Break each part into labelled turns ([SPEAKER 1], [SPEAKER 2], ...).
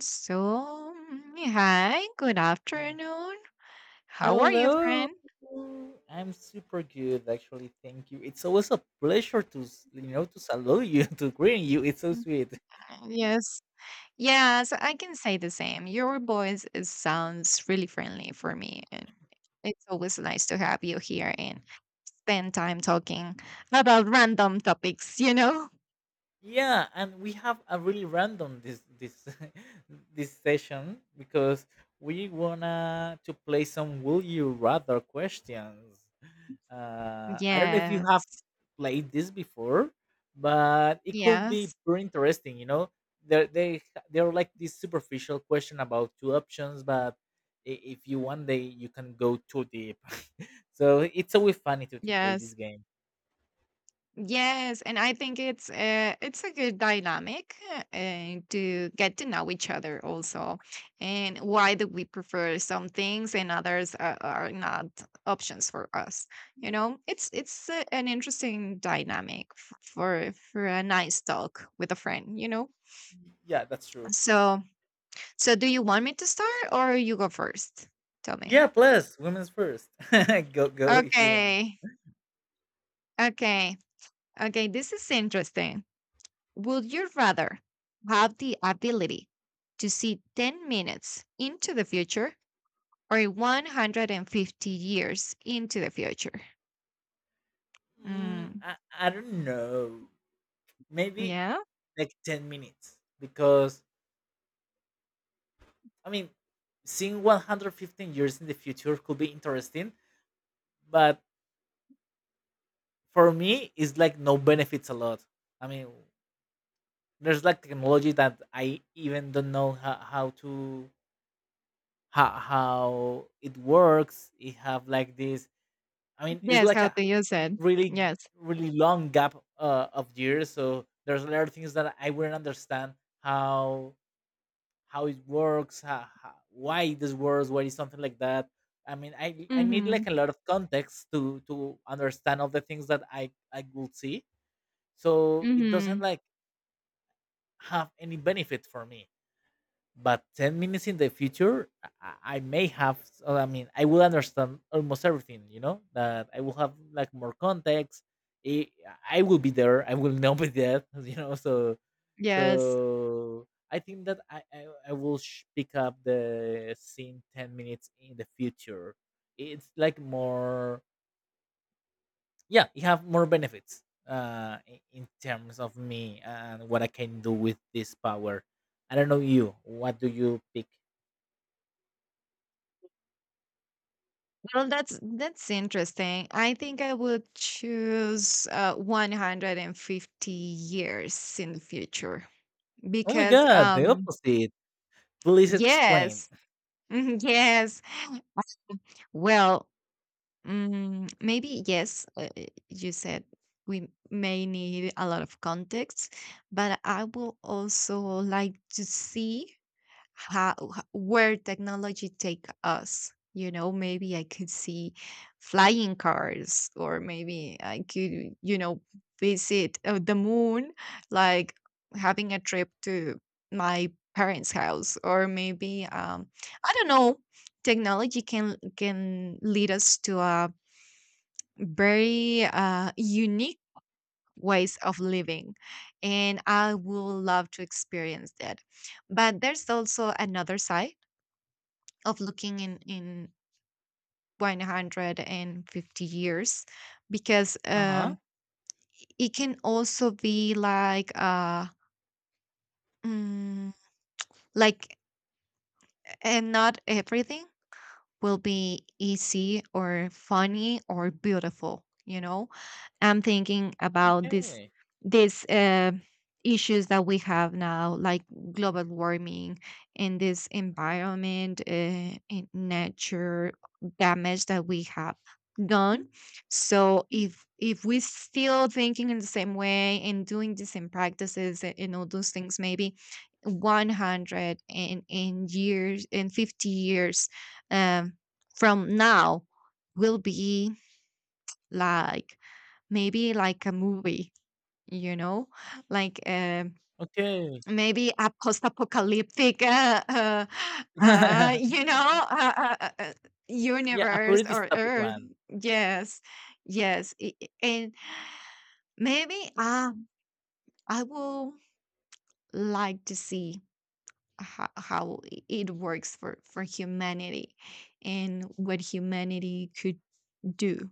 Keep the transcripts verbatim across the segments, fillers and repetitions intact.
[SPEAKER 1] So, mm, hi, good afternoon. How are you,
[SPEAKER 2] Hello.
[SPEAKER 1] friend?
[SPEAKER 2] I'm super good actually. Thank you. It's always a pleasure to, s- you know, to salute you, to greet you. It's so
[SPEAKER 1] Mm,
[SPEAKER 2] sweet.
[SPEAKER 1] Yes. Yes, I can say the same. Your voice is, sounds really friendly for me, and it's always nice to have you here and spend time talking about random topics, you know?
[SPEAKER 2] Yeah, and we have a really random this this this session because we wanna to play some will you rather questions. uh I don't know if you have
[SPEAKER 1] Yes.
[SPEAKER 2] played this before, but it could be
[SPEAKER 1] Yes.
[SPEAKER 2] very interesting, you know. They're they they they are like this superficial question about two options, but i- if you one day you can go too deep. So it's always funny to, to play this
[SPEAKER 1] Yes.
[SPEAKER 2] game.
[SPEAKER 1] Yes, and I think it's uh, it's a good dynamic uh, to get to know each other also, and why do we prefer some things and others are, are not options for us? You know, it's it's uh, an interesting dynamic f- for for a nice talk with a friend. You know,
[SPEAKER 2] Yeah, that's true.
[SPEAKER 1] so so do you want me to start or you go first? Tell me.
[SPEAKER 2] Yeah, plus women's first. Go go if you want.
[SPEAKER 1] Okay, okay, okay. This is interesting. Would you rather have the ability to see ten minutes into the future or a hundred fifty years into the future?
[SPEAKER 2] Mm,
[SPEAKER 1] Mm,
[SPEAKER 2] I, I don't know. Maybe
[SPEAKER 1] yeah.
[SPEAKER 2] like ten minutes because I mean, seeing one hundred fifteen years in the future could be interesting, but for me it's like no benefits a lot. I mean, there's like technology that I even don't know how, how to how, how it works. It have like this. I mean, it's
[SPEAKER 1] Yes,
[SPEAKER 2] like
[SPEAKER 1] how
[SPEAKER 2] a
[SPEAKER 1] do you said.
[SPEAKER 2] really
[SPEAKER 1] Yes.
[SPEAKER 2] really long gap uh, of years. So there's a lot of things that I wouldn't understand how how it works, how, how, why this works, why is something like that. I mean, i i need
[SPEAKER 1] Mm-hmm.
[SPEAKER 2] like a lot of context to to understand all the things that i i will see. So it doesn't
[SPEAKER 1] Mm-hmm.
[SPEAKER 2] like have any benefit for me, but ten minutes in the future i, I may have uh, i mean I will understand almost everything, you know, that I will have like more context. i, I will be there, I will not be there. You know, so
[SPEAKER 1] Yes.
[SPEAKER 2] so I think that i i, I will sh- pick up the scene ten minutes in the future. It's like more, yeah, you have more benefits uh i- in terms of me and what I can do with this power. I don't know you, what do you pick?
[SPEAKER 1] Well, that's that's interesting. I think I would choose uh, a hundred fifty years in the future
[SPEAKER 2] Oh my
[SPEAKER 1] because
[SPEAKER 2] god, the
[SPEAKER 1] um
[SPEAKER 2] opposite. Please explain.
[SPEAKER 1] yes, yes. Well, Mm, maybe yes, uh, uh, you said we may need a lot of context, but I will also like to see how h- where technology take us. You know, maybe I could see flying cars, or maybe I could, you know, visit uh, the moon, like having a trip to my parents' house, or maybe um, I don't know, technology can can lead us to a very uh, unique ways of living, and I will love to experience that. But there's also another side of looking in in a hundred fifty years, because
[SPEAKER 2] Uh-huh.
[SPEAKER 1] um it can also be like uh mm, like and not everything will be easy or funny or beautiful, you know. I'm thinking about this
[SPEAKER 2] Okay.
[SPEAKER 1] these uh, issues that we have now, like global warming and this environment uh, and nature damage that we have done. So if if we still thinking in the same way and doing the same practices a- and all those things, maybe a hundred and, and years and fifty years, um, from now, will be like maybe like a movie, you know, like uh,
[SPEAKER 2] Okay.
[SPEAKER 1] maybe a post-apocalyptic uh, uh, uh, you know uh, uh, uh, uh,
[SPEAKER 2] Yeah, a
[SPEAKER 1] universe
[SPEAKER 2] pretty
[SPEAKER 1] or
[SPEAKER 2] dystopic
[SPEAKER 1] earth.
[SPEAKER 2] one.
[SPEAKER 1] Yes, yes I- I- and maybe, uh, I will like to see how, how i- it works for for humanity and what humanity could do,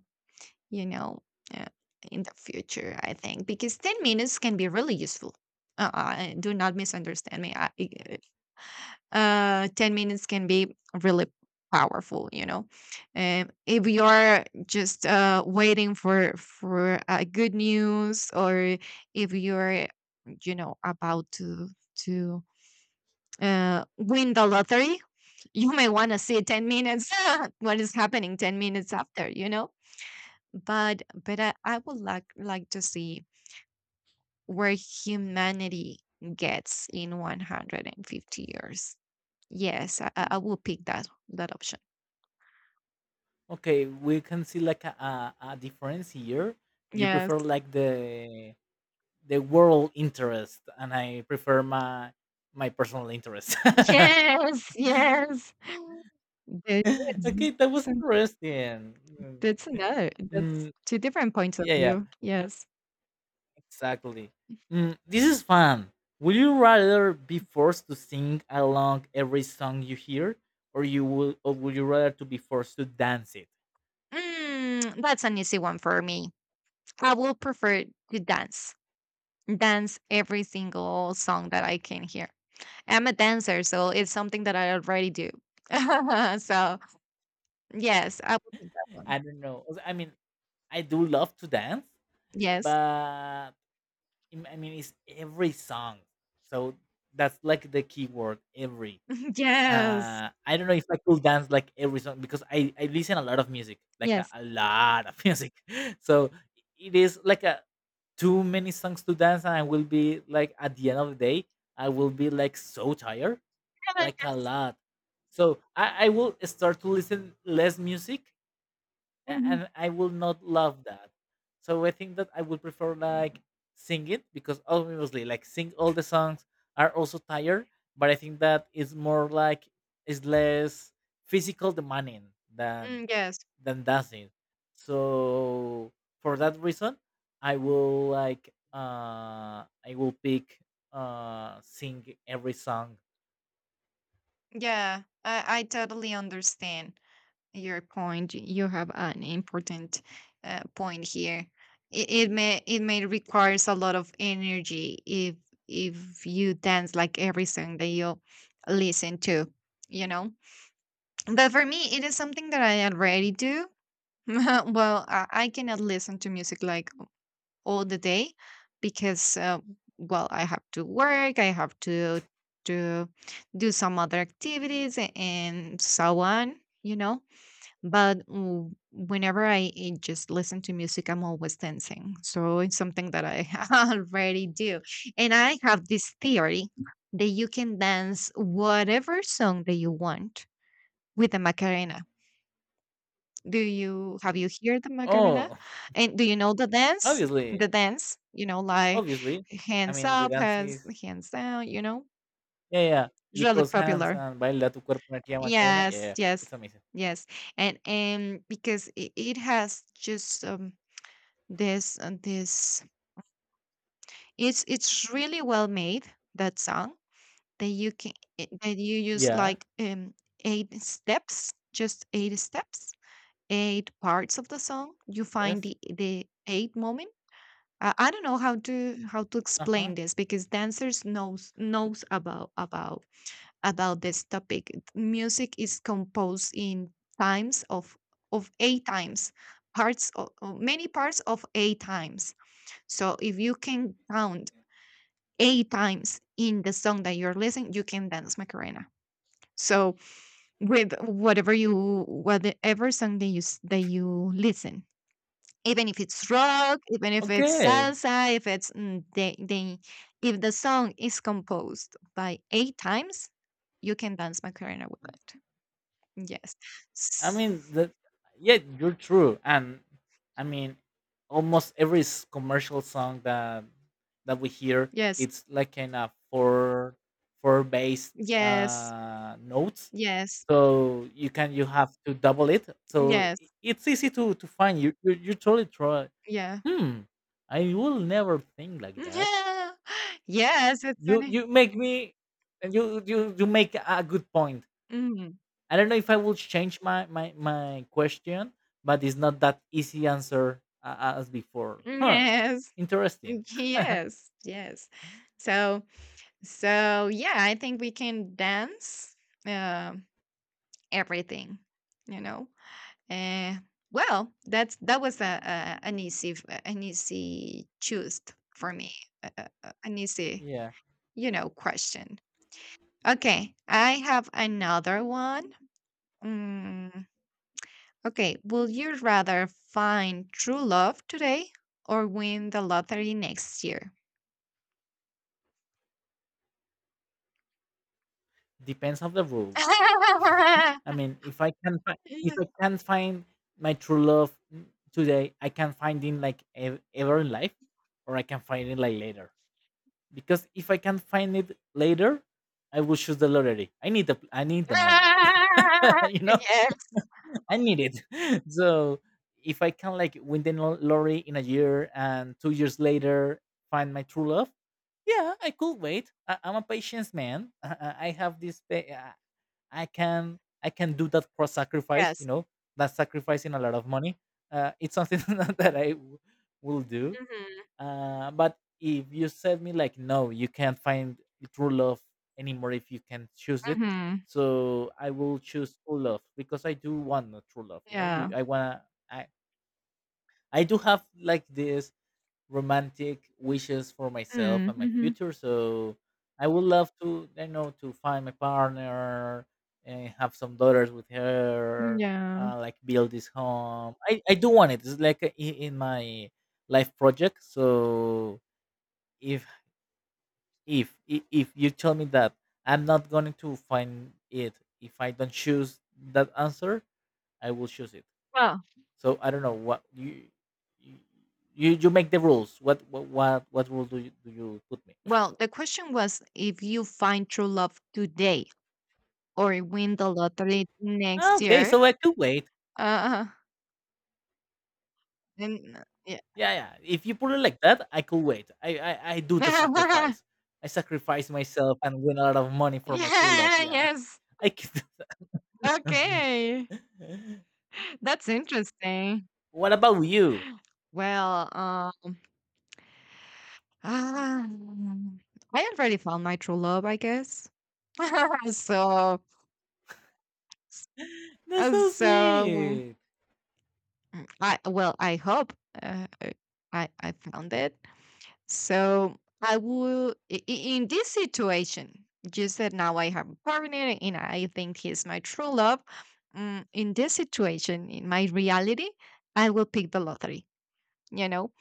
[SPEAKER 1] you know, uh, in the future, I think, because ten minutes can be really useful. Uh, uh, do not misunderstand me. I, eh, uh, ten minutes can be really powerful, you know. Um, if you're just uh, waiting for for uh, good news, or if you're, you know, about to to uh, win the lottery, you may want to see ten minutes what is happening ten minutes after, you know. But but I, I would like like to see where humanity gets in a hundred fifty years. Yes, I, I I will pick that that option.
[SPEAKER 2] Okay, we can see like a, a, a difference here. You
[SPEAKER 1] Yes.
[SPEAKER 2] prefer like the the world interest and I prefer my my personal interest.
[SPEAKER 1] Yes, yes. That is.
[SPEAKER 2] Okay, that was
[SPEAKER 1] so
[SPEAKER 2] interesting.
[SPEAKER 1] That's another.
[SPEAKER 2] Mm,
[SPEAKER 1] That's
[SPEAKER 2] mm,
[SPEAKER 1] two different points of
[SPEAKER 2] yeah, yeah.
[SPEAKER 1] view. Yes.
[SPEAKER 2] Exactly. Mm, this is fun. Would you rather be forced to sing along every song you hear, or you would, or would you rather to be forced to dance it?
[SPEAKER 1] Mm, that's an easy one for me. I will prefer to dance. Dance every single song that I can hear. I'm a dancer, so it's something that I already do. So, yes, I will pick that one.
[SPEAKER 2] I don't know. Also, I mean, I do love to dance,
[SPEAKER 1] Yes.
[SPEAKER 2] but im- I mean, it's every song. So that's like the key word, every.
[SPEAKER 1] Yes.
[SPEAKER 2] Uh, I don't know if I could dance like every song because I I listen a lot of music, like a,
[SPEAKER 1] Yes.
[SPEAKER 2] a lot of music. So it is like a too many songs to dance, and I will be like at the end of the day, I will be like so tired,
[SPEAKER 1] Yeah,
[SPEAKER 2] like a
[SPEAKER 1] yes.
[SPEAKER 2] lot. So I, I will start to listen less music a-
[SPEAKER 1] Mhm.
[SPEAKER 2] and I will not love that. So I think that I would prefer like sing it because obviously like sing all the songs are also tired, but I think that it's more like it's less physical demanding than
[SPEAKER 1] Mm, yes.
[SPEAKER 2] than dancing. So for that reason, I will like uh I will pick uh sing every song.
[SPEAKER 1] Yeah, I I totally understand your point. Y- You have an important uh, point here. It, it may it may requires a lot of energy if if you dance like every song that you listen to, you know. But for me, it is something that I already do. Well, I, I cannot listen to music like all the day because, uh, well, I have to work, I have to to do some other activities a- and so on, you know. But w- whenever I eh, just listen to music, I'm always dancing. So it's something that I already do, and I have this theory that you can dance whatever song that you want with the Macarena. Do you have you heard the Macarena?
[SPEAKER 2] Oh,
[SPEAKER 1] And do you know the dance?
[SPEAKER 2] obviously,
[SPEAKER 1] The dance, you know, like
[SPEAKER 2] obviously. I
[SPEAKER 1] hands
[SPEAKER 2] mean the
[SPEAKER 1] up,
[SPEAKER 2] dance
[SPEAKER 1] hands
[SPEAKER 2] is
[SPEAKER 1] hands down, you know?
[SPEAKER 2] yeah, yeah.
[SPEAKER 1] It's
[SPEAKER 2] You
[SPEAKER 1] really
[SPEAKER 2] cross hands
[SPEAKER 1] popular.
[SPEAKER 2] and baila tu cuerpo una tía Macarena. Yeah,
[SPEAKER 1] Yes,
[SPEAKER 2] yeah.
[SPEAKER 1] yes,
[SPEAKER 2] It's amazing.
[SPEAKER 1] yes. And and because it, it has just um this uh, this, it's it's really well made, that song, that you can I- that you use
[SPEAKER 2] Yeah.
[SPEAKER 1] like um eight steps, just eight steps, eight parts of the song. You find
[SPEAKER 2] Yes.
[SPEAKER 1] the the eight moments. I I don't know how to how to
[SPEAKER 2] Uh-huh.
[SPEAKER 1] explain this, because dancers knows knows about about about this topic. Music is composed in times of of eight times, parts of, many parts of eight times. So if you can count eight times in the song that you're listening, you can dance Macarena. So with whatever you, whatever song that you s- that you listen, even if it's rock, even if it's
[SPEAKER 2] Okay.
[SPEAKER 1] salsa, if it's mm, the, the if the song is composed by eight times, you can dance Macarena with it. Yes,
[SPEAKER 2] I
[SPEAKER 1] S-
[SPEAKER 2] mean, the, yeah, you're true. And I mean, almost every s- commercial song that that we hear,
[SPEAKER 1] yes,
[SPEAKER 2] it's like kind of four four based
[SPEAKER 1] yes,
[SPEAKER 2] uh notes.
[SPEAKER 1] yes,
[SPEAKER 2] So you can, you have to double it. So i-
[SPEAKER 1] yes,
[SPEAKER 2] it's easy to to find. You you you totally try.
[SPEAKER 1] yeah,
[SPEAKER 2] Hmm. I will never think like that.
[SPEAKER 1] yeah, yes. It's
[SPEAKER 2] you
[SPEAKER 1] funny.
[SPEAKER 2] you make me, and you you you make a good point.
[SPEAKER 1] Mm,
[SPEAKER 2] I don't know if I will change my my my question, but it's not that easy answer uh, as before, huh?
[SPEAKER 1] yes,
[SPEAKER 2] Interesting.
[SPEAKER 1] yes, yes. So, so yeah, I think we can dance, uh, everything. You know. Uh, well, that's that was a, a an easy, an easy choose for me, a- a- a- an easy,
[SPEAKER 2] Yeah.
[SPEAKER 1] you know, question. Okay, I have another one. Mm, okay, will you rather find true love today or win the lottery next year?
[SPEAKER 2] Depends on the rules. I mean, if I can find, if
[SPEAKER 1] Yes,
[SPEAKER 2] I can find my true love n- today, I can find it like ev- ever in life, or I can find it like later. Because if I can find it later, I will choose the lottery. I need the I need the money. You know, I need it. So if I can like win the lo- lottery in a year and two years later find my true love, yeah, I could wait. I- I'm a patience man. I, I I have this. pa- uh, I can I can do that cross sacrifice. You
[SPEAKER 1] yes.
[SPEAKER 2] know, that sacrificing a lot of money. Uh, it's something that I w- will do.
[SPEAKER 1] Hmm.
[SPEAKER 2] Uh, but if you said me like, no, you can't find the true love anymore if you can choose it.
[SPEAKER 1] Hmm.
[SPEAKER 2] So I will choose true love because I do want a true love. You know, you
[SPEAKER 1] Yeah.
[SPEAKER 2] I wanna I I do have like this romantic wishes for myself
[SPEAKER 1] Hmm,
[SPEAKER 2] and my
[SPEAKER 1] Mm-hmm.
[SPEAKER 2] future. So I would love to, I know, to find my partner and have some daughters with
[SPEAKER 1] Mm,
[SPEAKER 2] her.
[SPEAKER 1] yeah.
[SPEAKER 2] Uh, like build this home. I, I do want it. It's like uh, in in my life project. So if if i- if you tell me that I'm not going to find it if I don't choose that answer, I will choose it.
[SPEAKER 1] Well,
[SPEAKER 2] So I don't know what you you you you make the rules. What what what, what rule do you do you put me?
[SPEAKER 1] well, the question was if you find true love today or win the lottery
[SPEAKER 2] "Ah,
[SPEAKER 1] next
[SPEAKER 2] okay,
[SPEAKER 1] year.
[SPEAKER 2] so I could wait.
[SPEAKER 1] Uh, and yeah.
[SPEAKER 2] Yeah, yeah, if you put it like that, I could wait. i i, I do the sacrifice. I sacrifice myself and win a lot of money for my true love.
[SPEAKER 1] Yeah.
[SPEAKER 2] Yeah,
[SPEAKER 1] Yes.
[SPEAKER 2] I could do
[SPEAKER 1] Okay.
[SPEAKER 2] that.
[SPEAKER 1] That's interesting.
[SPEAKER 2] What about you?
[SPEAKER 1] Well, um, ah, I already found my true love, I guess. So,
[SPEAKER 2] That's
[SPEAKER 1] uh,
[SPEAKER 2] so
[SPEAKER 1] so mm,
[SPEAKER 2] sweet.
[SPEAKER 1] I well, I hope, uh, I I found it. So I will, i- i- in this situation, just that now I have a partner and I think he's my true love. Mm, in this situation, in my reality, I will pick the lottery, you know?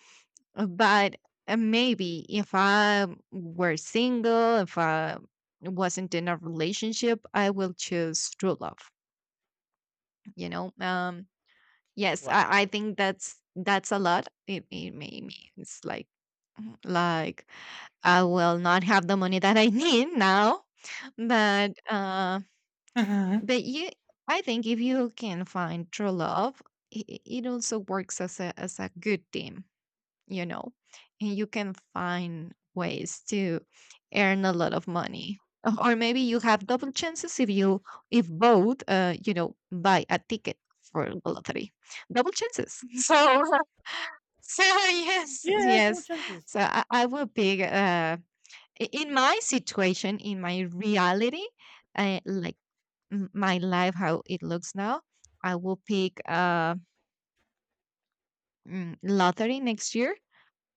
[SPEAKER 1] Uh, But uh, maybe if I were single, if I wasn't in a relationship, I will choose true love, you know? Um, yes, I, I
[SPEAKER 2] Wow.
[SPEAKER 1] think that's that's a lot. It, it may means like like I will not have the money that I need now, but uh,
[SPEAKER 2] Mhm.
[SPEAKER 1] but you, I think if you can find true love, it, it also works as a as a good team, you know, and you can find ways to earn a lot of money. Uh, or maybe you have double chances if you, if both, uh, you know, buy a ticket for the lottery, double chances. So so yes,
[SPEAKER 2] Yeah, double
[SPEAKER 1] yes.
[SPEAKER 2] chances.
[SPEAKER 1] So I, I will pick. Uh, i- in my situation, in my reality, uh, like m- my life how it looks now, I will pick, uh mm, lottery next year.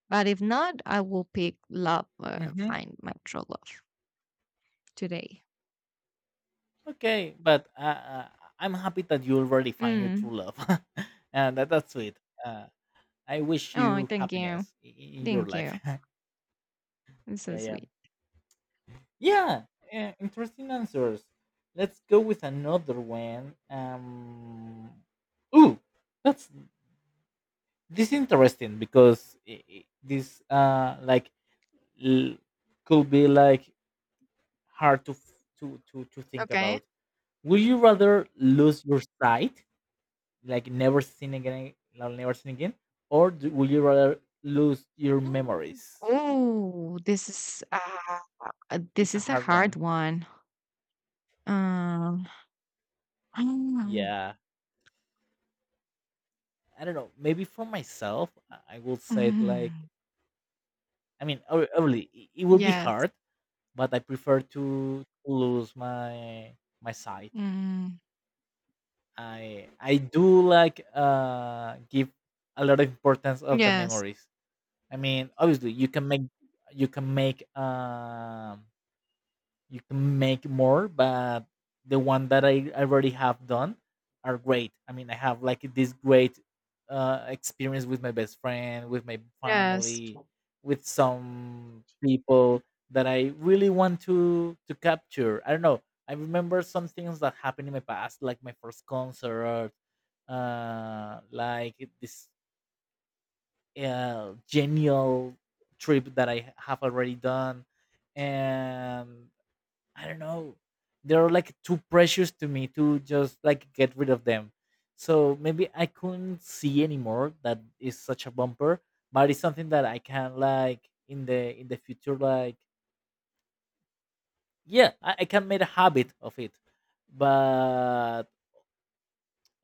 [SPEAKER 1] But if not, I will pick love, uh,
[SPEAKER 2] Mhm.
[SPEAKER 1] find my true love today.
[SPEAKER 2] Okay, but uh, uh, I'm happy that you already find your
[SPEAKER 1] Mm.
[SPEAKER 2] true love, and that, that's sweet. Uh, I wish
[SPEAKER 1] Oh,
[SPEAKER 2] you
[SPEAKER 1] thank you.
[SPEAKER 2] happiness in, in your
[SPEAKER 1] Thank
[SPEAKER 2] life.
[SPEAKER 1] you. It's so
[SPEAKER 2] Yeah, yeah,
[SPEAKER 1] sweet.
[SPEAKER 2] yeah. Uh, interesting answers. Let's go with another one. Um, ooh, that's this interesting because i i- this uh like l- could be like hard to f- to to to think
[SPEAKER 1] Okay.
[SPEAKER 2] about. Would you rather lose your sight, like never seen again, like never seen again, or do, would you rather lose your
[SPEAKER 1] Mm.
[SPEAKER 2] memories?
[SPEAKER 1] Oh, this is uh, uh,
[SPEAKER 2] It's
[SPEAKER 1] this
[SPEAKER 2] a
[SPEAKER 1] is a
[SPEAKER 2] hard
[SPEAKER 1] hard
[SPEAKER 2] one.
[SPEAKER 1] one. um I don't know.
[SPEAKER 2] Yeah, I don't know. Maybe for myself, I I will say it like
[SPEAKER 1] Mm.
[SPEAKER 2] I mean, ob- obviously i- it will be
[SPEAKER 1] Yes.
[SPEAKER 2] hard, but I prefer to lose my my sight.
[SPEAKER 1] Mm.
[SPEAKER 2] I I do like uh give a lot of importance of the
[SPEAKER 1] Yes.
[SPEAKER 2] memories. I mean, obviously you can make you can make um you can make more, but the one that I already have done are great. I mean, I have like this great uh, experience with my best friend, with my
[SPEAKER 1] Yes.
[SPEAKER 2] family, with some people that I really want to to capture. I don't know, I remember some things that happened in my past, like my first concert, uh like this uh, genial trip that I have already done. And I don't know, they're like too precious to me to just like get rid of them. So maybe I couldn't see anymore, that is such a bumper, but it's something that I can like in the in the future like yeah, I, I can make a habit of it. But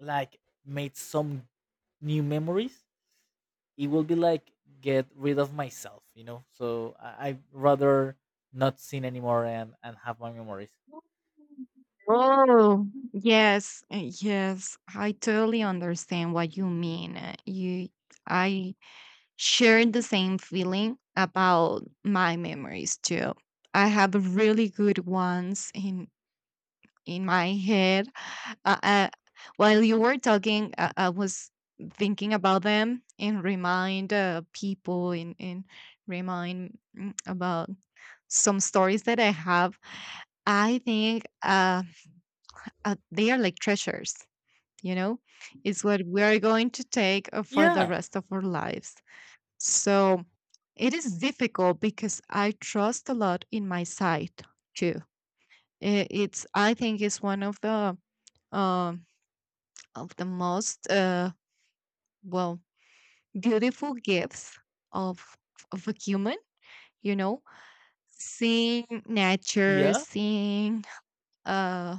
[SPEAKER 2] like made some new memories, it will be like get rid of myself, you know. So I, I'd rather not seen anymore and, and have my memories.
[SPEAKER 1] Oh, yes, uh, yes. I totally understand what you mean. Uh, You, I share the same feeling about my memories too. I have really good ones in in my head. Uh, uh, while you were talking, uh, I was thinking about them and remind uh, people, and, and remind mm, about some stories that I have. I think, uh, uh, they are like treasures, you know? It's what we are going to take, uh, for the
[SPEAKER 2] Yeah.
[SPEAKER 1] rest of our lives. So it is difficult because I trust a lot in my sight too. I- It's, I think, it's one of the um, of the most uh, well, beautiful gifts of of a human. You know, seeing nature,
[SPEAKER 2] Yeah.
[SPEAKER 1] seeing, uh,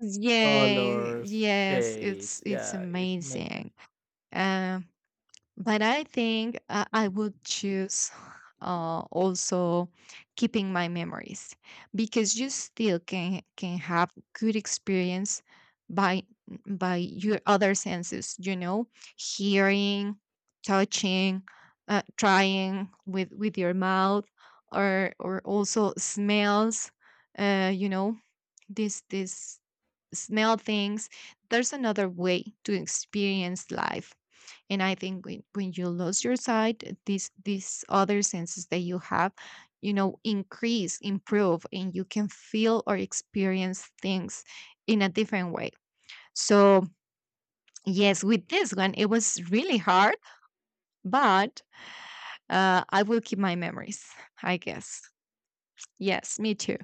[SPEAKER 1] yeah,
[SPEAKER 2] Colors,
[SPEAKER 1] yes,
[SPEAKER 2] shapes.
[SPEAKER 1] it's it's
[SPEAKER 2] Yeah, it's
[SPEAKER 1] amazing.
[SPEAKER 2] amazing.
[SPEAKER 1] Um, but I think I, I would choose, uh, also keeping my memories, because you still can can have good experience by by your other senses. You know, hearing, touching, uh, trying with with your mouth, or or also smells. Uh, you know, this this smell things. There's another way to experience life. And I think when, when you lose your sight, these these other senses that you have, you know, increase, improve, and you can feel or experience things in a different way. So yes, with this one, it was really hard, but uh, I will keep my memories, I guess. Yes, me too.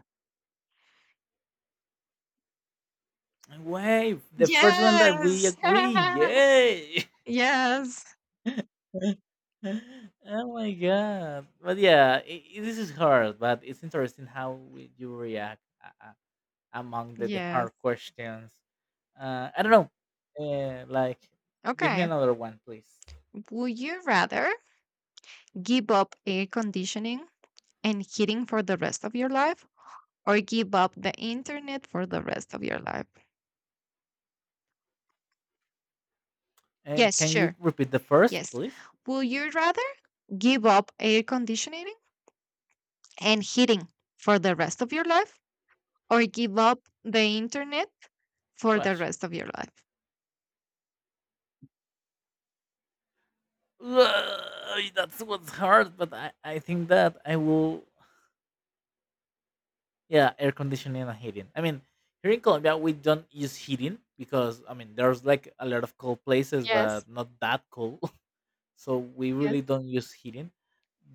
[SPEAKER 2] Wave, the first one that we
[SPEAKER 1] Yes.
[SPEAKER 2] agree. Yay!
[SPEAKER 1] Yes.
[SPEAKER 2] Oh my god! But yeah, i i- this is hard, but it's interesting how we, you react uh, uh, among the, the
[SPEAKER 1] Yes.
[SPEAKER 2] hard questions. Uh, I don't know. Uh, like, give me
[SPEAKER 1] Okay.
[SPEAKER 2] another one, please.
[SPEAKER 1] Would you rather give up air conditioning and heating for the rest of your life, or give up the internet for the rest of your life?
[SPEAKER 2] And
[SPEAKER 1] Yes,
[SPEAKER 2] can you
[SPEAKER 1] sure.
[SPEAKER 2] repeat the first,
[SPEAKER 1] Yes.
[SPEAKER 2] please?
[SPEAKER 1] Will you rather give up air conditioning and heating for the rest of your life, or give up the internet for the
[SPEAKER 2] Gosh.
[SPEAKER 1] rest of your life?
[SPEAKER 2] Ugh, that's what's hard, but I, I think that I will yeah, air conditioning and heating. I mean, here in Colombia, we don't use heating because I mean, there's like a lot of cold places,
[SPEAKER 1] Yes.
[SPEAKER 2] but not that cold. So we really
[SPEAKER 1] Yes.
[SPEAKER 2] don't use heating.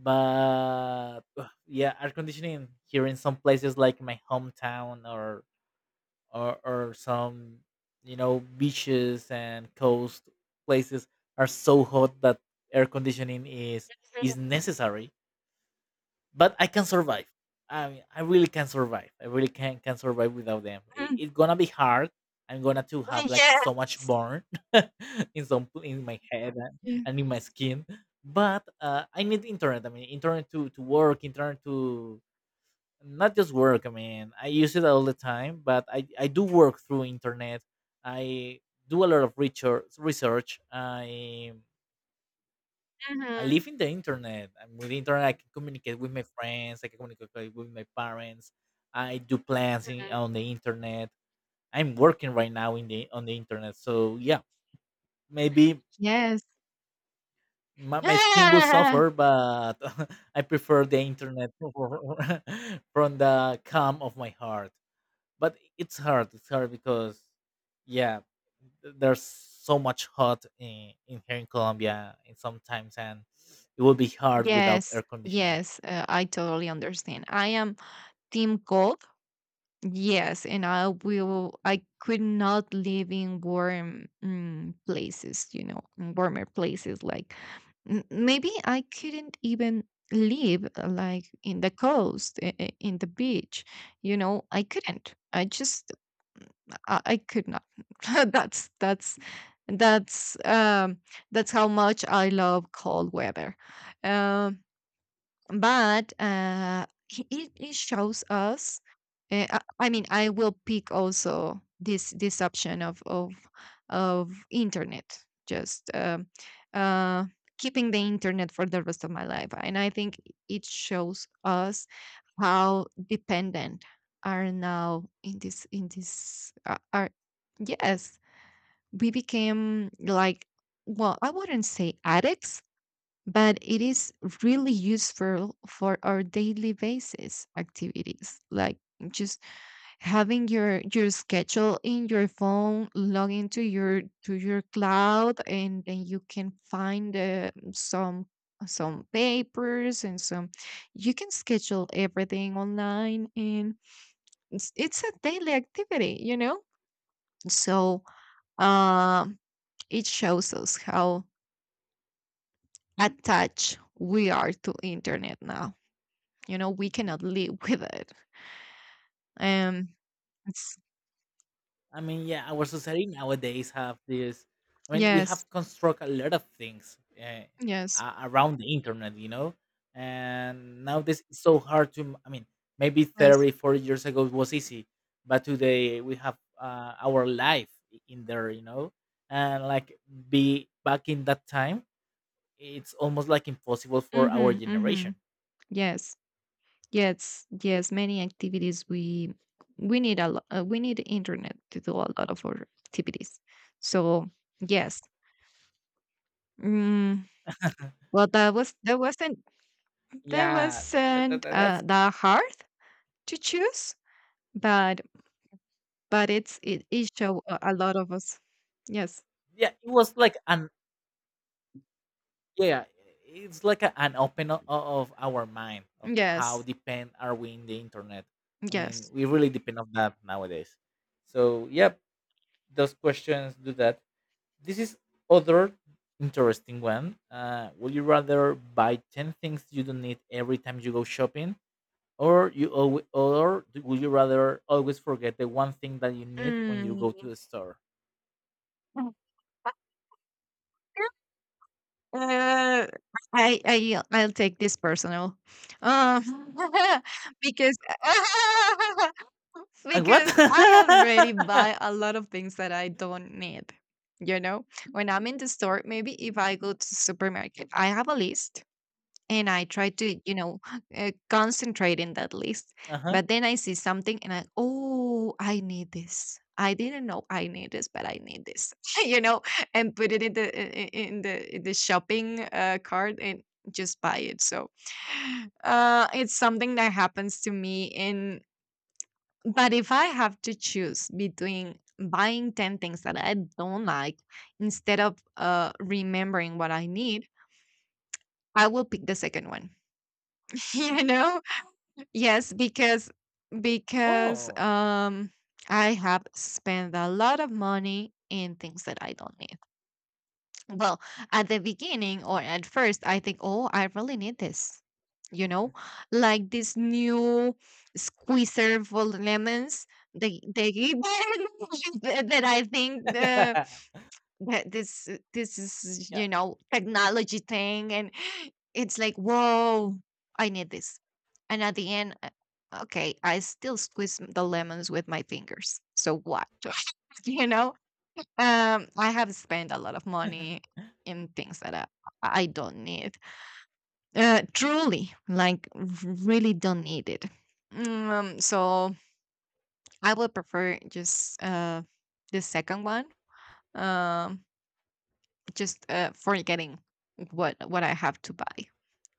[SPEAKER 2] But ugh, yeah, air conditioning here in some places like my hometown or or or some, you know, beaches and coast places are so hot that air conditioning is is
[SPEAKER 1] Mhm.
[SPEAKER 2] necessary, but I can survive. I mean, I really can survive. I really can can survive without them. It,
[SPEAKER 1] Mhm.
[SPEAKER 2] It's gonna be hard. I'm gonna to have
[SPEAKER 1] Yes.
[SPEAKER 2] like
[SPEAKER 1] Yeah.
[SPEAKER 2] so much burn in some pl- in my head and, and in my skin. But uh, I need internet. I mean, internet to to work, internet to not just work. I mean, I use it all the time, but I I do work through internet. I do a lot of research. Research. I I
[SPEAKER 1] Mhm.
[SPEAKER 2] live in the internet. And with the internet, I can communicate with my friends. I can communicate with my parents. I do plans in, on the internet. I'm working right now in the on the internet. So yeah, maybe
[SPEAKER 1] Yes.
[SPEAKER 2] my, my skin will
[SPEAKER 1] Ah!
[SPEAKER 2] suffer, but I prefer the internet from the calm of my heart. But it's hard. It's hard because yeah, th- there's so much hot in, in here in Colombia, and sometimes and it will be hard without
[SPEAKER 1] Yes.
[SPEAKER 2] air conditioning.
[SPEAKER 1] Yes. Uh, I totally understand. I am team cold. Yes, and I will. I could not live in warm mm, places, you know, in warmer places. Like m- maybe I couldn't even live uh, like in the coast, i- i- in the beach. You know, I couldn't. I just, I, I could not. that's that's that's um that's how much I love cold weather. Um, but uh, he- it, it shows us. Uh, I I mean, I will pick also this this option of of of internet, just um, uh, keeping the internet for the rest of my life, and I think it shows us how dependent are now in this in this uh, are, yes, we became like, well, I wouldn't say addicts, but it is really useful for our daily basis activities, like just having your your schedule in your phone, log into your to your cloud, and then you can find uh, some some papers and some, you can schedule everything online. And it's, it's a daily activity you know so uh, it shows us how attached we are to internet now. You know, we cannot live with it. Um, it's,
[SPEAKER 2] I mean, yeah, our society nowadays have this. I mean, we
[SPEAKER 1] yes,
[SPEAKER 2] have construct a lot of things uh,
[SPEAKER 1] yes,
[SPEAKER 2] a- around the internet, you know. And nowadays it's so hard to. I mean, maybe
[SPEAKER 1] yes.
[SPEAKER 2] thirty, forty years ago it was easy, but today we have uh, our life i- in there, you know. And like be back in that time, it's almost like impossible for our
[SPEAKER 1] Mm-hmm, mm-hmm.
[SPEAKER 2] generation.
[SPEAKER 1] Yes, yes, yes. Many activities we we need a lot. Uh, we need internet to do a lot of our activities. So yes. Mm, well, that was that wasn't that
[SPEAKER 2] Yeah, that, that,
[SPEAKER 1] wasn't
[SPEAKER 2] that- that's.
[SPEAKER 1] uh, that hard to choose, but but it's it, it show a, a lot of us. Yes,
[SPEAKER 2] Yeah, it was like an yeah it's like a, an open o- of our mind of how
[SPEAKER 1] yes,
[SPEAKER 2] depend are we in the internet. I mean
[SPEAKER 1] yes.
[SPEAKER 2] we really depend on that nowadays, so yep, those questions do that. This is other interesting one. Uh, would you rather buy ten things you don't need every time you go shopping, or you always, or do- would you rather always forget the one thing that you need when you go to
[SPEAKER 1] Mm.
[SPEAKER 2] the store?
[SPEAKER 1] Uh, I I I'll take this personal, uh, because
[SPEAKER 2] And what?
[SPEAKER 1] because I already buy a lot of things that I don't need. You know, when I'm in the store, maybe if I go to supermarket, I have a list and I try to, you know, uh, concentrate in that list.
[SPEAKER 2] Uh-huh.
[SPEAKER 1] But then I see something and I, oh, I need this. I didn't know I need this, but I need this, you know, and put it in the i- i- in the in the shopping uh, cart and just buy it. So uh, it's something that happens to me. And but if I have to choose between buying ten things that I don't like instead of uh, remembering what I need, I will pick the second one. You know, yes, because because
[SPEAKER 2] Oh.
[SPEAKER 1] um I have spent a lot of money in things that I don't need. Well, at the beginning or at first I think, "Oh, I really need this." You know, like this new squeezer for lemons. The the that I think uh, that this uh, this is, you know, technology thing, and it's like whoa, I need this. And at the end, uh, okay, I still squeeze the lemons with my fingers, so what? You know, um I have spent a lot of money in things that i, I don't need, uh truly like r- really don't need it. Mm, um so I would prefer just uh the second one, um just, uh, forgetting what what I have to buy.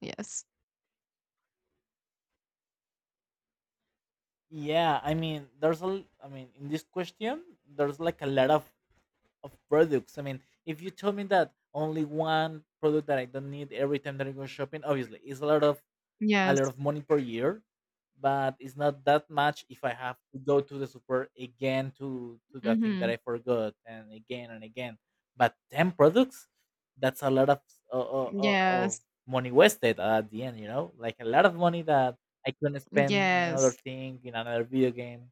[SPEAKER 1] Yes.
[SPEAKER 2] Yeah, I mean, there's a, l- I mean, in this question, there's like a lot of of products. I mean, if you told me that only one product that I don't need every time that I go shopping, obviously, it's a lot of a lot
[SPEAKER 1] Yes.
[SPEAKER 2] of money per year, but it's not that much if I have to go to the super again to to the thing that
[SPEAKER 1] Mhm.
[SPEAKER 2] I forgot and again and again. But ten products, that's a lot of of, of
[SPEAKER 1] Yes.
[SPEAKER 2] money wasted at the end. You know, like a lot of money that I couldn't spend in other
[SPEAKER 1] Yes.
[SPEAKER 2] thing in another video game.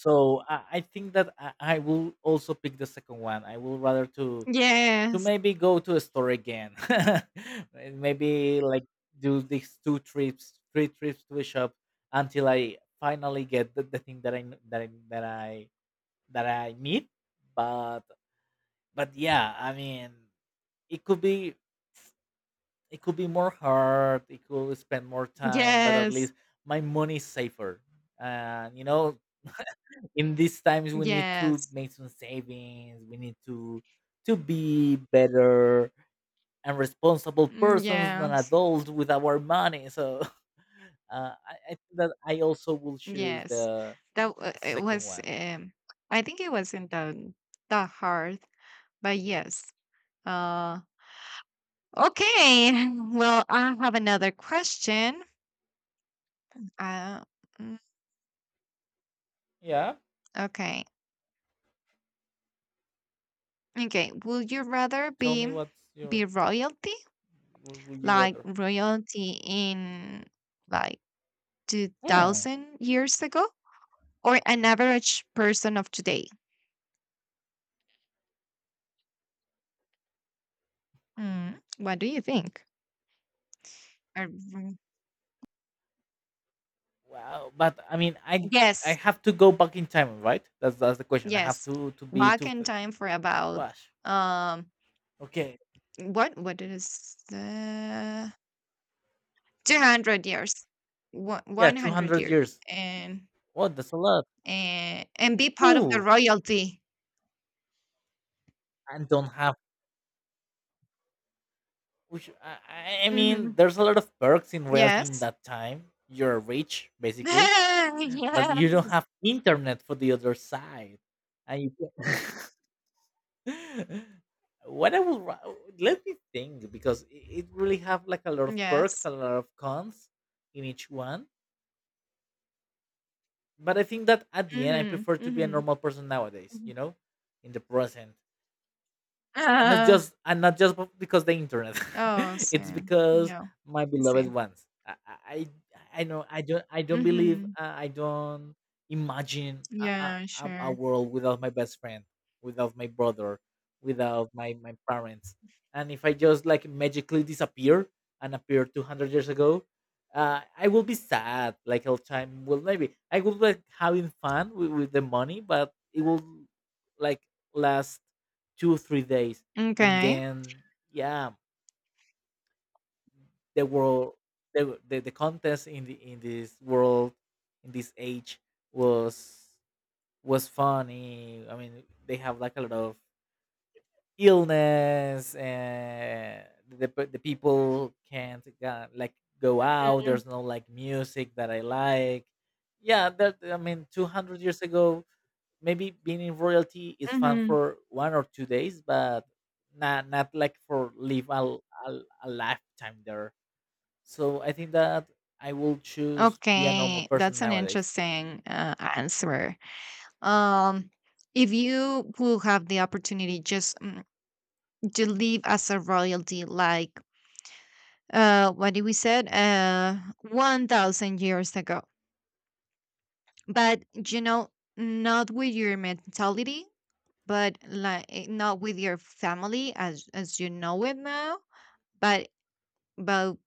[SPEAKER 2] So I, I think that I, I will also pick the second one. I will rather to to
[SPEAKER 1] Yes.
[SPEAKER 2] maybe go to a store again and maybe like do these two trips three trips to a shop until I finally get the, the thing that I n- that I that I that I need. but but yeah I mean it could be, it could be more hard, it could spend more time, but at
[SPEAKER 1] Yes.
[SPEAKER 2] least my money is safer. And you know, in these times we need to
[SPEAKER 1] Yes.
[SPEAKER 2] make some savings, we need to to be better and responsible
[SPEAKER 1] Mm,
[SPEAKER 2] persons and
[SPEAKER 1] yes.
[SPEAKER 2] adults with our money. So uh, I, I think that I also will choose
[SPEAKER 1] Yes.
[SPEAKER 2] the,
[SPEAKER 1] That w-
[SPEAKER 2] the
[SPEAKER 1] it
[SPEAKER 2] second
[SPEAKER 1] was
[SPEAKER 2] one.
[SPEAKER 1] um I think It wasn't that that hard, but yes. Uh okay. Well, I have another question. Uh mm,
[SPEAKER 2] Yeah.
[SPEAKER 1] okay. Okay. Would you rather
[SPEAKER 2] Tell me
[SPEAKER 1] be
[SPEAKER 2] what's your.
[SPEAKER 1] be royalty,
[SPEAKER 2] Would would you
[SPEAKER 1] like
[SPEAKER 2] rather?
[SPEAKER 1] royalty in like
[SPEAKER 2] Hmm.
[SPEAKER 1] two thousand years ago, or an average person of today? Mm, what do you think? Are- mm,
[SPEAKER 2] Wow. But I mean, I I
[SPEAKER 1] yes,
[SPEAKER 2] have to go back in time, right? That's that's the question. I have
[SPEAKER 1] yes.
[SPEAKER 2] to to be
[SPEAKER 1] Back
[SPEAKER 2] two.
[SPEAKER 1] in
[SPEAKER 2] th-
[SPEAKER 1] time for about
[SPEAKER 2] Gosh.
[SPEAKER 1] um
[SPEAKER 2] Okay.
[SPEAKER 1] what what is the two hundred years. one-
[SPEAKER 2] Yeah. Two
[SPEAKER 1] 100
[SPEAKER 2] hundred
[SPEAKER 1] years
[SPEAKER 2] years.
[SPEAKER 1] and
[SPEAKER 2] What? That's a lot.
[SPEAKER 1] and and be part of the
[SPEAKER 2] Ooh.
[SPEAKER 1] royalty.
[SPEAKER 2] And don't have. Which I, I I mean,
[SPEAKER 1] Mhm.
[SPEAKER 2] there's a lot of perks in reality in
[SPEAKER 1] Yes.
[SPEAKER 2] that time. You're rich, basically, but
[SPEAKER 1] Yeah.
[SPEAKER 2] you don't have internet for the other side and you can- what I would ra- Let me think because i- it really have like a lot of perks
[SPEAKER 1] Yes.
[SPEAKER 2] a lot of cons in each one. But I think that at the end I prefer to be a
[SPEAKER 1] Mhm.
[SPEAKER 2] normal person nowadays,
[SPEAKER 1] Mhm.
[SPEAKER 2] you know, in the present. And not
[SPEAKER 1] Ah,
[SPEAKER 2] just and not just because the internet.
[SPEAKER 1] oh,
[SPEAKER 2] It's
[SPEAKER 1] same.
[SPEAKER 2] because
[SPEAKER 1] Yeah,
[SPEAKER 2] my beloved
[SPEAKER 1] same.
[SPEAKER 2] ones i i, I know i don't I don't believe
[SPEAKER 1] Mhm.
[SPEAKER 2] uh, I don't imagine a, a,
[SPEAKER 1] Yeah,
[SPEAKER 2] a a
[SPEAKER 1] sure.
[SPEAKER 2] world without my best friend, without my brother, without my my parents. And if I just like magically disappear and appear two hundred years ago, uh, I will be sad like all time. Well maybe I will like having fun with, with the money, but it will like last two three days. And
[SPEAKER 1] Okay.
[SPEAKER 2] then yeah, the world, the, the the contest in the in this world in this age was was funny. I mean they have like a lot of illness, and the, pe- the people can't go, like go out,
[SPEAKER 1] Mhm.
[SPEAKER 2] there's no like music that I like. Yeah, that I mean two hundred years ago, maybe being in royalty is fun
[SPEAKER 1] Mhm.
[SPEAKER 2] for one or two days, but not not like for live a a a lifetime there. So I think that I will choose be a normal
[SPEAKER 1] Okay,
[SPEAKER 2] person
[SPEAKER 1] that's an
[SPEAKER 2] nowadays.
[SPEAKER 1] interesting uh, answer. Um, if you will have the opportunity, just mm, to live as a royalty, like, uh, what did we said? Uh, one thousand years ago, but, you know, not with your mentality, but like not with your family as as you know it now. But but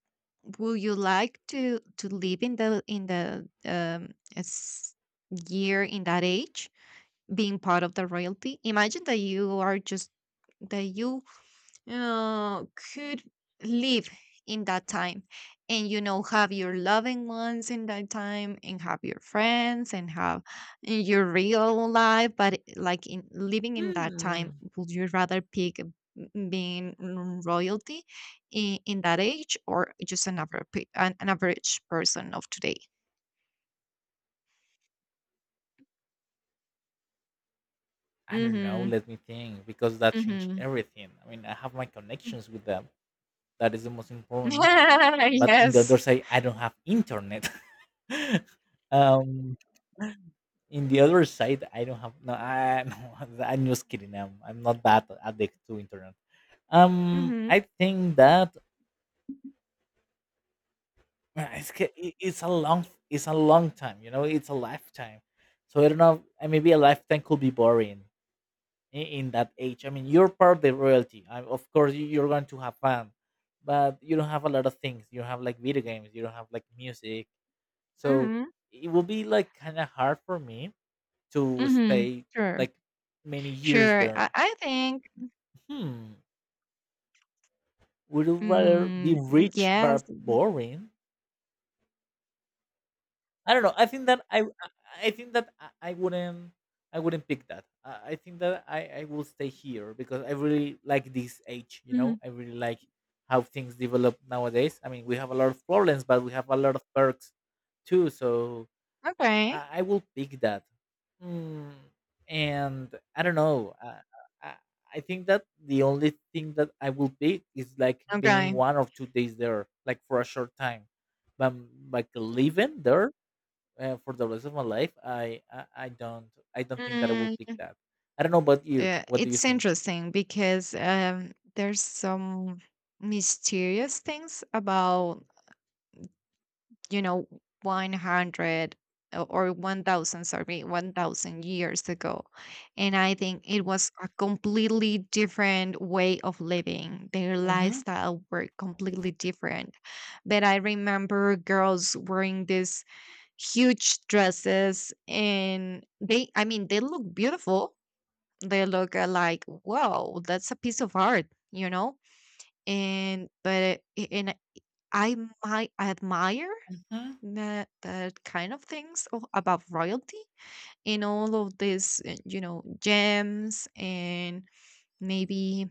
[SPEAKER 1] would you like to to live in the in the um s- year in that age, being part of the royalty? Imagine that you are just that you uh, could live in that time, and you know, have your loving ones in that time and have your friends and have, eh, your real life, but eh, like in living in that time,
[SPEAKER 2] Hmm.
[SPEAKER 1] would you rather pick m- being mm, royalty in, in that age, or just an average an, an average person of today?
[SPEAKER 2] I don't know.
[SPEAKER 1] Mm-hmm.
[SPEAKER 2] Let me think because that changed
[SPEAKER 1] Mm-hmm.
[SPEAKER 2] everything. I mean, I have my connections with them. That is the most important. But in the
[SPEAKER 1] Yes.
[SPEAKER 2] other side, I don't have internet. um, in the other side, I don't have no. I no, I'm just kidding. I'm, I'm not that addicted to internet. Um,
[SPEAKER 1] Mm-hmm.
[SPEAKER 2] I think that uh, it's ca- i- it's a long it's a long time. You know, it's a lifetime. So I don't know. uh, Maybe a lifetime could be boring in, in that age. I mean, you're part of the royalty. I, of course, you- you're going to have fun, but you don't have a lot of things. You don't have like video games. You don't have like music. So
[SPEAKER 1] Mm-hmm.
[SPEAKER 2] it will be like kind of hard for me to
[SPEAKER 1] Mm-hmm.
[SPEAKER 2] stay
[SPEAKER 1] Sure.
[SPEAKER 2] like many years
[SPEAKER 1] Sure.
[SPEAKER 2] there.
[SPEAKER 1] i, I think.
[SPEAKER 2] Hmm. Would you rather
[SPEAKER 1] Mm,
[SPEAKER 2] be
[SPEAKER 1] mm,
[SPEAKER 2] rich
[SPEAKER 1] yes.
[SPEAKER 2] but boring? I don't know. I think that I I think that I I wouldn't, I wouldn't pick that. I, I think that I I will stay here because I really like this age. You know,
[SPEAKER 1] Mhm.
[SPEAKER 2] I really like how things develop nowadays. I mean, we have a lot of problems, but we have a lot of perks too. So
[SPEAKER 1] Okay.
[SPEAKER 2] I, I will pick that. Mm, and I don't know. Uh, I I think that the only thing that I will pick is like being
[SPEAKER 1] Okay.
[SPEAKER 2] one or two days there, like for a short time, but like living there uh, for the rest of my life, I, I I don't I don't think that I will
[SPEAKER 1] Mm,
[SPEAKER 2] pick that. I don't know about you.
[SPEAKER 1] yeah,
[SPEAKER 2] What do you
[SPEAKER 1] it's
[SPEAKER 2] think?
[SPEAKER 1] interesting because um, there's some mysterious things about, you know, one hundred o- or one thousand, sorry, one thousand years ago. And I think it was a completely different way of living. Their
[SPEAKER 2] Mm-hmm.
[SPEAKER 1] lifestyle were completely different. But I remember girls wearing this huge dresses, and they, I mean, they look beautiful, they look uh, like wow, that's a piece of art you know and but i- and i might admire that that kind of things o- about royalty. In all of these uh, you know, gems and maybe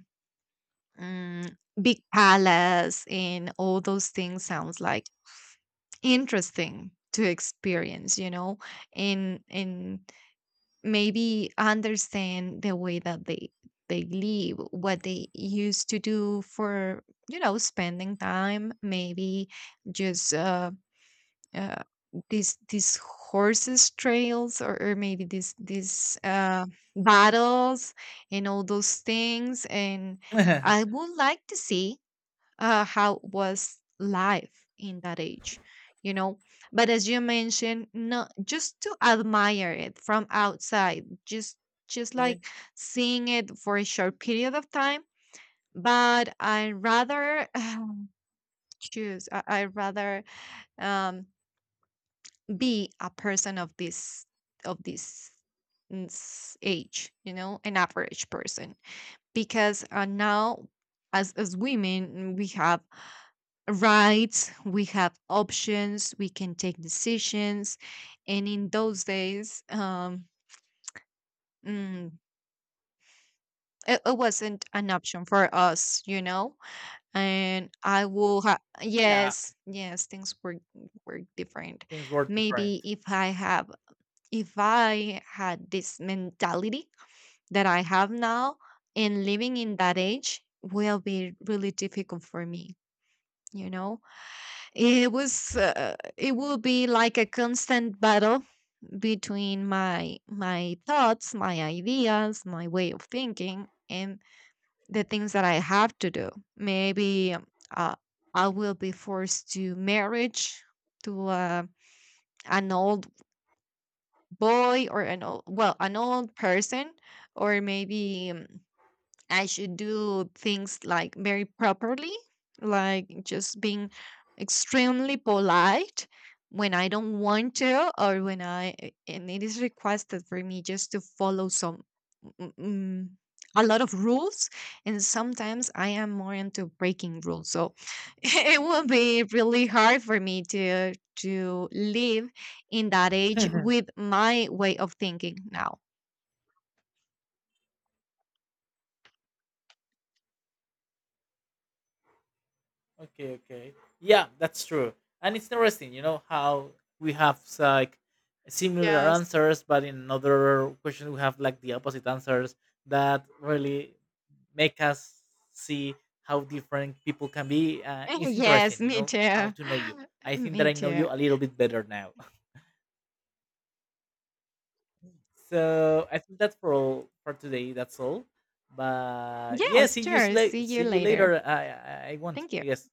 [SPEAKER 1] um, big palace and all those things sounds like interesting to experience, you know. and and maybe understand the way that they they live, what they used to do for, you know, spending time. Maybe just uh, uh these these horses trails, or, or maybe these these uh battles and all those things. And I would like to see uh, how was life in that age, you know. But as you mentioned, no, just to admire it from outside, just just
[SPEAKER 2] Yeah.
[SPEAKER 1] like seeing it for a short period of time. But I rather choose, i I rather um, be a person of this of this mm, s- age, you know, an average person. Because uh, now, as as women, mm, we have rights, we have options, we can take decisions. And in those days, um, mm, it, it wasn't an option for us, you know? And I will have,
[SPEAKER 2] Yeah,
[SPEAKER 1] yes, yes, things were, were different.
[SPEAKER 2] things were different.
[SPEAKER 1] Maybe if I have, if I had this mentality that I have now, and living in that age will be really difficult for me, you know? It was, uh, it will be like a constant battle between my my thoughts, my ideas, my way of thinking, and the things that I have to do. Maybe uh, I will be forced to marriage to uh, an old boy or an old, well, an old person, or maybe mm, I should do things like very properly, like just being extremely polite when I don't want to, or when I, eh, and it is requested for me just to follow some, mm, mm, a lot of rules. And sometimes I am more into breaking rules. So it will be really hard for me to, to live in that age with my way of thinking now.
[SPEAKER 2] Okay, okay. Yeah, that's true. And it's interesting, you know, how we have like similar
[SPEAKER 1] Yes.
[SPEAKER 2] answers, but in another question we have like the opposite answers that really make us see how different people can be. And it's
[SPEAKER 1] Yes,
[SPEAKER 2] interesting, you
[SPEAKER 1] me
[SPEAKER 2] know, how
[SPEAKER 1] too.
[SPEAKER 2] to know you. I think that
[SPEAKER 1] Me
[SPEAKER 2] I know
[SPEAKER 1] too.
[SPEAKER 2] you a little bit better now. So I think that's for all for today. That's all. But yeah, see
[SPEAKER 1] Yes,
[SPEAKER 2] you
[SPEAKER 1] sure.
[SPEAKER 2] sla-
[SPEAKER 1] See you
[SPEAKER 2] see you
[SPEAKER 1] later.
[SPEAKER 2] later. I I, I want,
[SPEAKER 1] Thank you.
[SPEAKER 2] I guess.